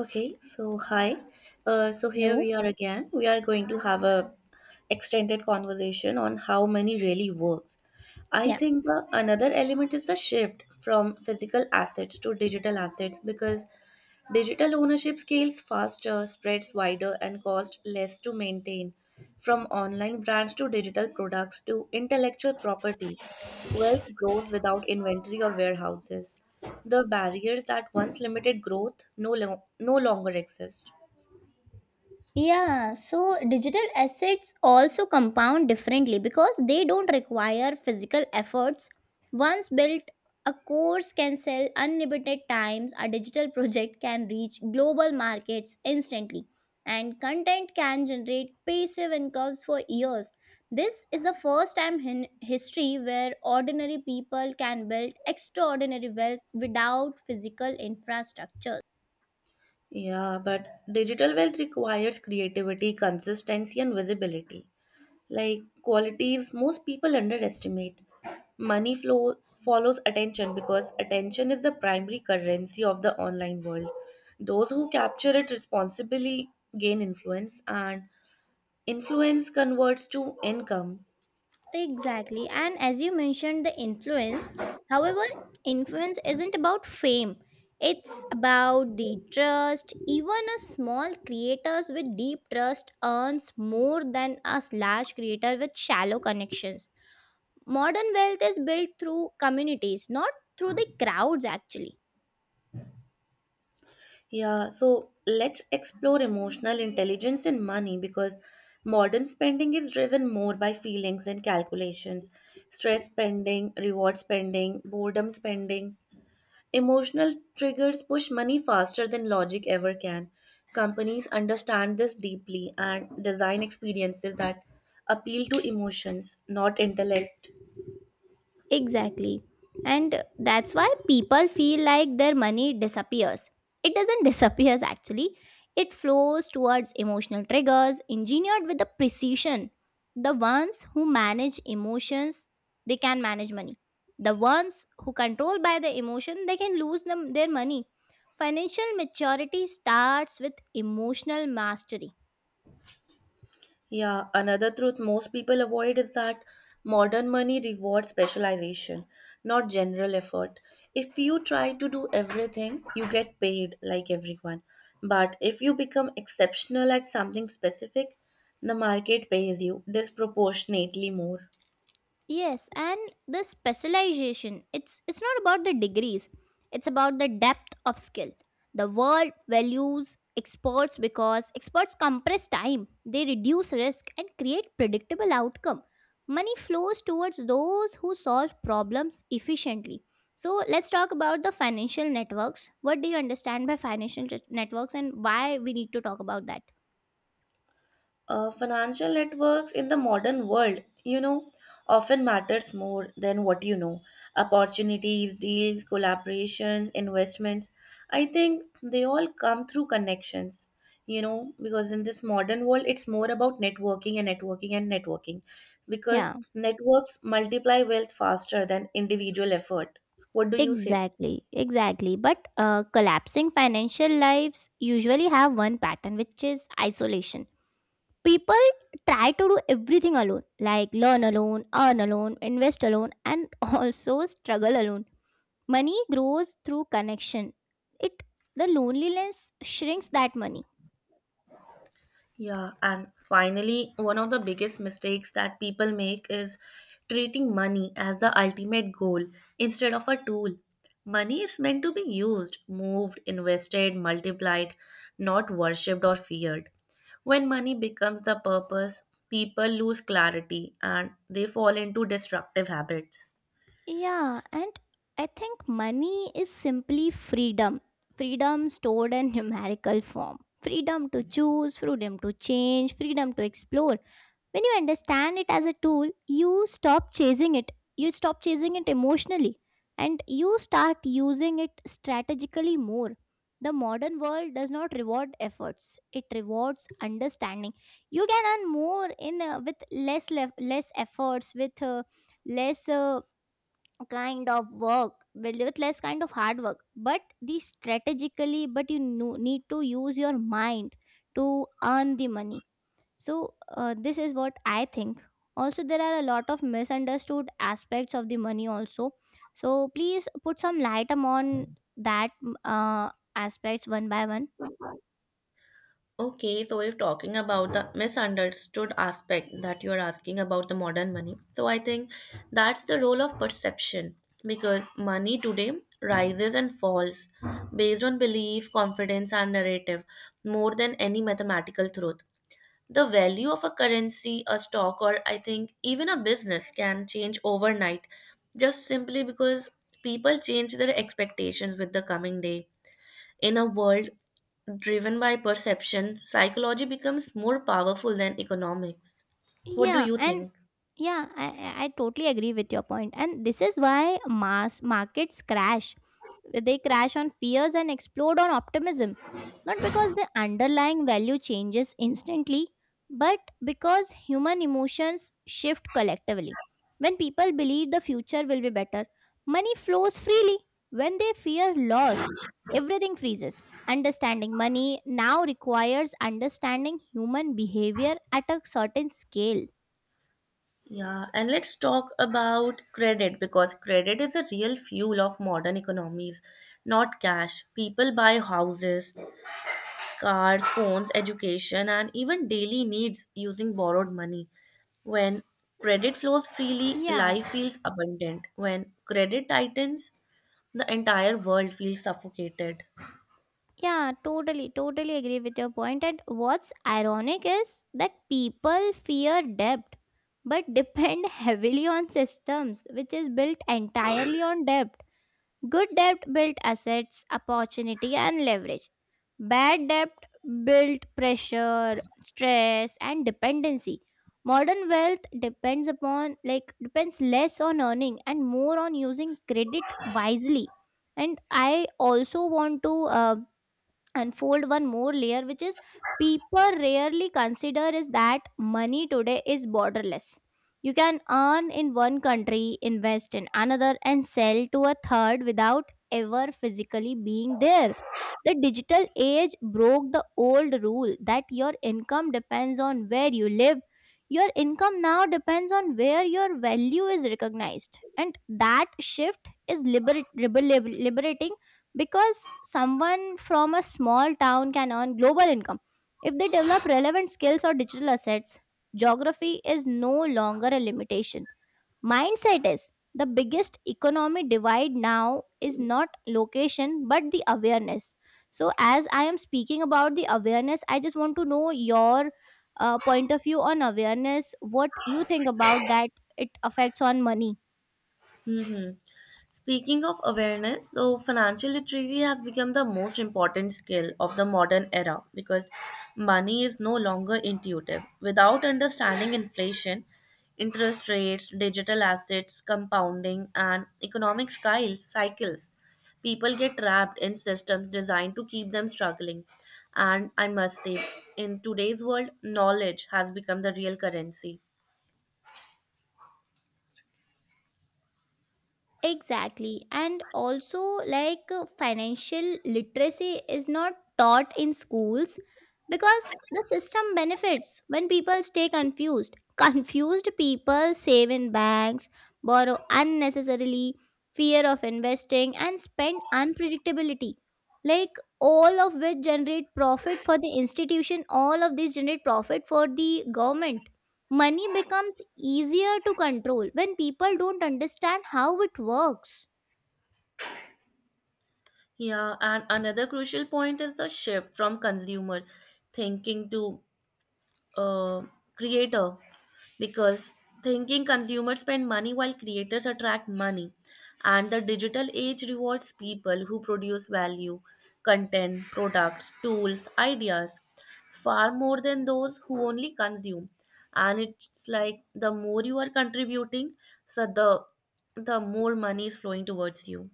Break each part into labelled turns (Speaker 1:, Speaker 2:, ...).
Speaker 1: Okay, so hi. So here
Speaker 2: Hello.
Speaker 1: we are again. We are going to have a extended conversation on how money really works. I
Speaker 2: Yeah.
Speaker 1: think the another element is the shift from physical assets to digital assets because digital ownership scales faster, spreads wider, and costs less to maintain. From online brands to digital products to intellectual property, wealth grows without inventory or warehouses. The barriers that once limited growth no longer exist.
Speaker 2: Yeah. So digital assets also compound differently because they don't require physical efforts. Once built, a course can sell unlimited times, a digital project can reach global markets instantly, and content can generate passive incomes for years. This is the first time in history where ordinary people can build extraordinary wealth without physical infrastructures.
Speaker 1: Yeah, but digital wealth requires creativity, consistency, and visibility. Like qualities most people underestimate. Money flow follows attention because attention is the primary currency of the online world. Those who capture it responsibly gain influence, and influence converts to income.
Speaker 2: Exactly. And as you mentioned, the influence, however, influence isn't about fame, it's about the trust. Even a small creators with deep trust earns more than a large creator with shallow connections. Modern wealth is built through communities, not through the crowds, actually.
Speaker 1: Yeah, so let's explore emotional intelligence in money because modern spending is driven more by feelings and calculations. Stress spending, reward spending, boredom spending, emotional triggers push money faster than logic ever can. Companies understand this deeply and design experiences that appeal to emotions, not intellect.
Speaker 2: Exactly. And that's why people feel like their money disappears. It doesn't disappears actually. It flows towards emotional triggers engineered with the precision. The ones who manage emotions, they can manage money. The ones who control by the emotion, they can lose them their money. Financial maturity starts with emotional mastery.
Speaker 1: Yeah, another truth most people avoid is that modern money rewards specialization, not general effort. If you try to do everything, you get paid like everyone. But if you become exceptional at something specific, the market pays you disproportionately more.
Speaker 2: Yes, and the specialization, it's not about the degrees. It's about the depth of skill. The world values experts because experts compress time, they reduce risk and create predictable outcome. Money flows towards those who solve problems efficiently. So let's talk about the financial networks. What do you understand by networks and why we need to talk about that?
Speaker 1: Financial networks in the modern world, you know, often matters more than what you know. Opportunities, deals, collaborations, investments. I think they all come through connections. You know, because in this modern world, it's more about networking and networking and networking, because
Speaker 2: Yeah.
Speaker 1: networks multiply wealth faster than individual effort. What do you say?
Speaker 2: Exactly, exactly. But collapsing financial lives usually have one pattern, which is isolation. People try to do everything alone, like learn alone, earn alone, invest alone, and also struggle alone. Money grows through connection. It the loneliness shrinks that money.
Speaker 1: Yeah, and finally, one of the biggest mistakes that people make is treating money as the ultimate goal instead of a tool. Money is meant to be used, moved, invested, multiplied, not worshipped or feared. When money becomes the purpose, people lose clarity and they fall into destructive habits.
Speaker 2: Yeah, and I think money is simply freedom. Freedom stored in numerical form. Freedom to choose, freedom to change, freedom to explore. When you understand it as a tool, you stop chasing it. You stop chasing it emotionally and you start using it strategically more. The modern world does not reward efforts, it rewards understanding. You can earn more in with less efforts with less kind of work with less kind of hard work but the strategically but you need to use your mind to earn the money. So, this is what I think. Also, there are a lot of misunderstood aspects of the money, also. So, please put some light on that aspects one by one.
Speaker 1: Okay, so if talking about the misunderstood aspect that you are asking about the modern money, so I think that's the role of perception because money today rises and falls based on belief, confidence, and narrative more than any mathematical truth. The value of a currency, a stock, or I think even a business can change overnight just simply because people change their expectations with the coming day in a world driven by perception, psychology becomes more powerful than economics. What do
Speaker 2: Yeah,
Speaker 1: you
Speaker 2: and
Speaker 1: think?
Speaker 2: yeah, I totally agree with your point. And this is why mass markets crash. They crash on fears and explode on optimism, not because the underlying value changes instantly, but because human emotions shift collectively. When people believe the future will be better, money flows freely. When they fear loss, everything freezes. Understanding money now requires understanding human behavior at a certain scale.
Speaker 1: Yeah, and let's talk about credit because credit is a real fuel of modern economies, not cash. People buy houses, cars, phones, education, and even daily needs using borrowed money. When credit flows freely,
Speaker 2: Yeah.
Speaker 1: life feels abundant. When credit tightens, the entire world feels suffocated.
Speaker 2: Yeah, totally, totally agree with your point. And what's ironic is that people fear debt but depend heavily on systems which is built entirely on debt. Good debt built assets, opportunity, and leverage. Bad debt built pressure, stress, and dependency. Modern wealth depends upon, like, depends less on earning and more on using credit wisely. And I also want to and fold one more layer which is people rarely consider is that money today is borderless. You can earn in one country, invest in another and sell to a third without ever physically being there. The digital age broke the old rule that your income depends on where you live. Your income now depends on where your value is recognized, and that shift is liberating because someone from a small town can earn global income if they develop relevant skills or digital assets. Geography is no longer a limitation. Mindset is the biggest economic divide now is not location but the awareness. So as I am speaking about the awareness, I just want to know your point of view on awareness, what you think about that, it affects on money.
Speaker 1: Hmm. Speaking of awareness, so financial literacy has become the most important skill of the modern era because money is no longer intuitive. Without understanding inflation, interest rates, digital assets, compounding, and economic cycles, people get trapped in systems designed to keep them struggling. And I must say, in today's world, knowledge has become the real currency.
Speaker 2: Exactly. And also, like, financial literacy is not taught in schools because the system benefits when people stay confused. Confused people save in banks, borrow unnecessarily, fear of investing, and spend unpredictability. Like, all of which generate profit for the institution, all of these generate profit for the government. Money becomes easier to control when people don't understand how it works.
Speaker 1: Yeah, and another crucial point is the shift from consumer thinking to uh, creator because thinking consumers spend money while creators attract money. And the digital age rewards people who produce value, content, products, tools, ideas far more than those who only consume. And it's like the more you are contributing, so the more money is flowing towards you.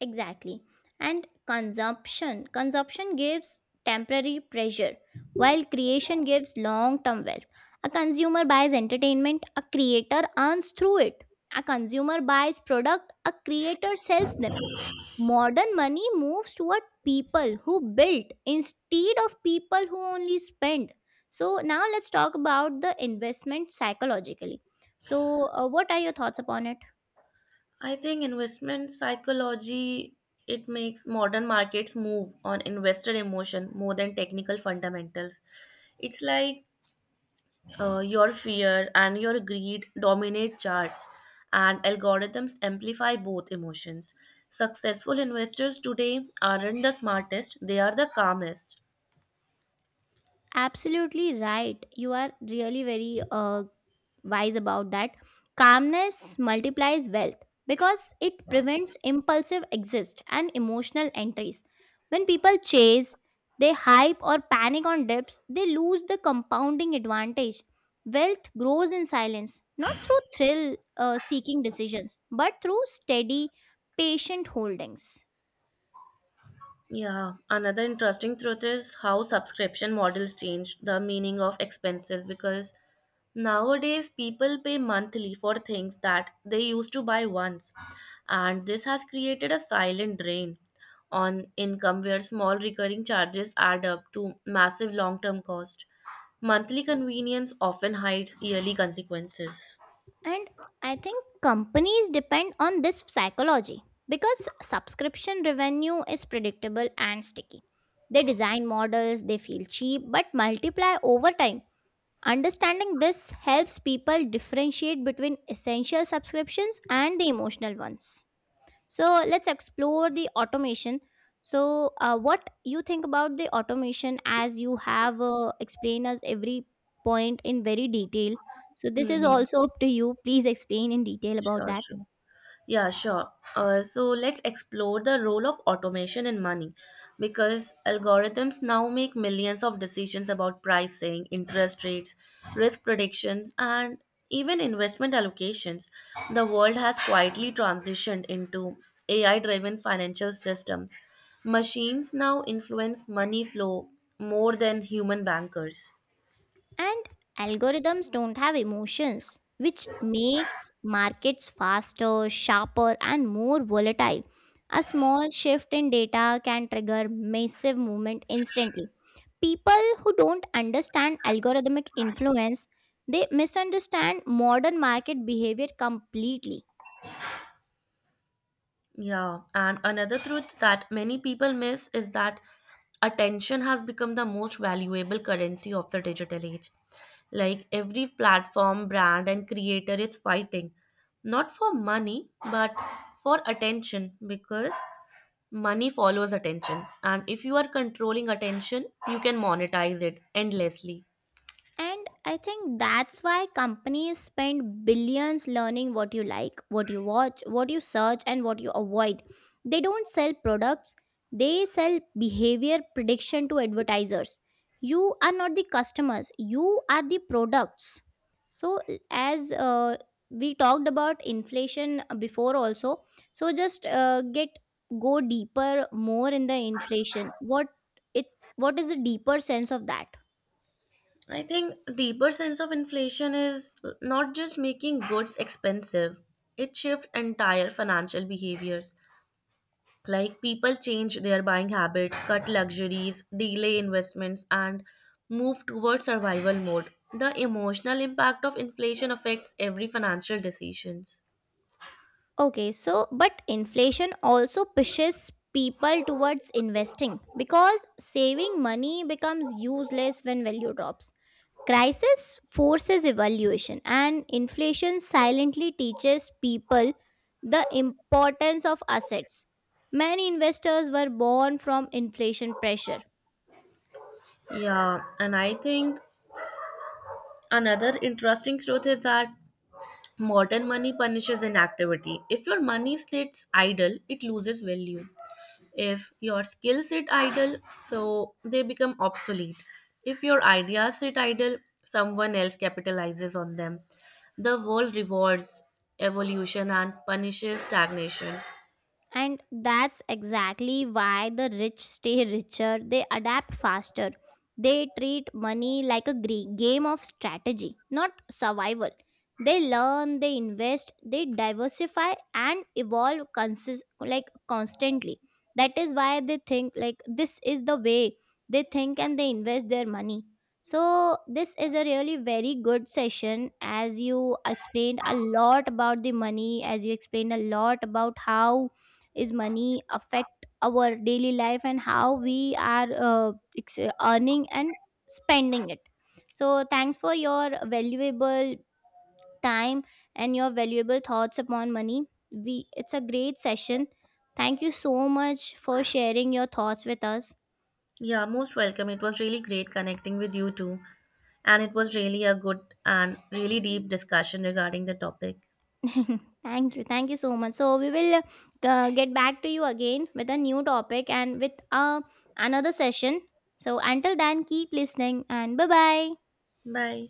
Speaker 2: Exactly. And consumption. Consumption gives temporary pressure, while creation gives long term wealth. A consumer buys entertainment, a creator earns through it. A consumer buys product, a creator sells them. Modern money moves toward people who build instead of people who only spend. So, now let's talk about the investment psychologically. So, what are your thoughts upon it?
Speaker 1: I think investment psychology it makes modern markets move on investor emotion more than technical fundamentals. It's like your fear and your greed dominate charts, and algorithms amplify both emotions. Successful investors today aren't the smartest; they are the calmest.
Speaker 2: Absolutely right. You are really very wise about that. Calmness multiplies wealth because it prevents impulsive exits and emotional entries. When people chase, they hype or panic on dips, they lose the compounding advantage. Wealth grows in silence, not through thrill seeking decisions, but through steady, patient holdings.
Speaker 1: Yeah, another interesting truth is how subscription models changed the meaning of expenses because nowadays people pay monthly for things that they used to buy once, and this has created a silent drain on income where small recurring charges add up to massive long term cost. Monthly convenience often hides yearly consequences.
Speaker 2: And I think companies depend on this psychology because subscription revenue is predictable and sticky. They design models, they feel cheap, but multiply over time. Understanding this helps people differentiate between essential subscriptions and the emotional ones. So let's explore the automation. So what you think about the automation, as you have explained us every point in very detail, so this is
Speaker 1: Mm-hmm.
Speaker 2: also up to you, please explain in detail about
Speaker 1: Sure,
Speaker 2: that.
Speaker 1: sure. Yeah, sure. So let's explore the role of automation in money because algorithms now make millions of decisions about pricing, interest rates, risk predictions, and even investment allocations. The world has quietly transitioned into AI driven financial systems. Machines now influence money flow more than human bankers.
Speaker 2: And algorithms don't have emotions, which makes markets faster, sharper, and more volatile. A small shift in data can trigger massive movement instantly. People who don't understand algorithmic influence, they misunderstand modern market behavior completely.
Speaker 1: Yeah, and another truth that many people miss is that attention has become the most valuable currency of the digital age. Like every platform, brand, and creator is fighting not for money but for attention because money follows attention. And if you are controlling attention, you can monetize it endlessly.
Speaker 2: And I think that's why companies spend billions learning what you like, what you watch, what you search, and what you avoid. They don't sell products, they sell behavior prediction to advertisers. You are not the customers, you are the products. So, as we talked about inflation before, also, so just get go deeper more in the inflation. What it what is the deeper sense of that?
Speaker 1: I think deeper sense of inflation is not just making goods expensive. It shifts entire financial behaviors. Like people change their buying habits, cut luxuries, delay investments, and move towards survival mode. The emotional impact of inflation affects every financial decisions.
Speaker 2: Okay, so but inflation also pushes people towards investing because saving money becomes useless when value drops. Crisis forces evaluation, and inflation silently teaches people the importance of assets. Many investors were born from inflation pressure.
Speaker 1: Yeah, and I think another interesting truth is that modern money punishes inactivity. If your money sits idle, it loses value. If your skills sit idle, so they become obsolete. If your ideas sit idle, someone else capitalizes on them. The world rewards evolution and punishes stagnation.
Speaker 2: And that's exactly why the rich stay richer. They adapt faster. They treat money like a game of strategy, not survival. They learn, they invest, they diversify and evolve like constantly. That is why they think like this is the way they think and they invest their money. So this is a really very good session, as you explained a lot about the money, as you explained a lot about how is money affect our daily life and how we are ex- earning and spending it. So thanks for your valuable time and your valuable thoughts upon money. We it's a great session. Thank you so much for sharing your thoughts with us.
Speaker 1: Yeah, most welcome. It was really great connecting with you too. And it was really a good and really deep discussion regarding the topic.
Speaker 2: Thank you, thank you so much. So we will get back to you again with a new topic and with another session. So until then, keep listening and bye bye.
Speaker 1: Bye.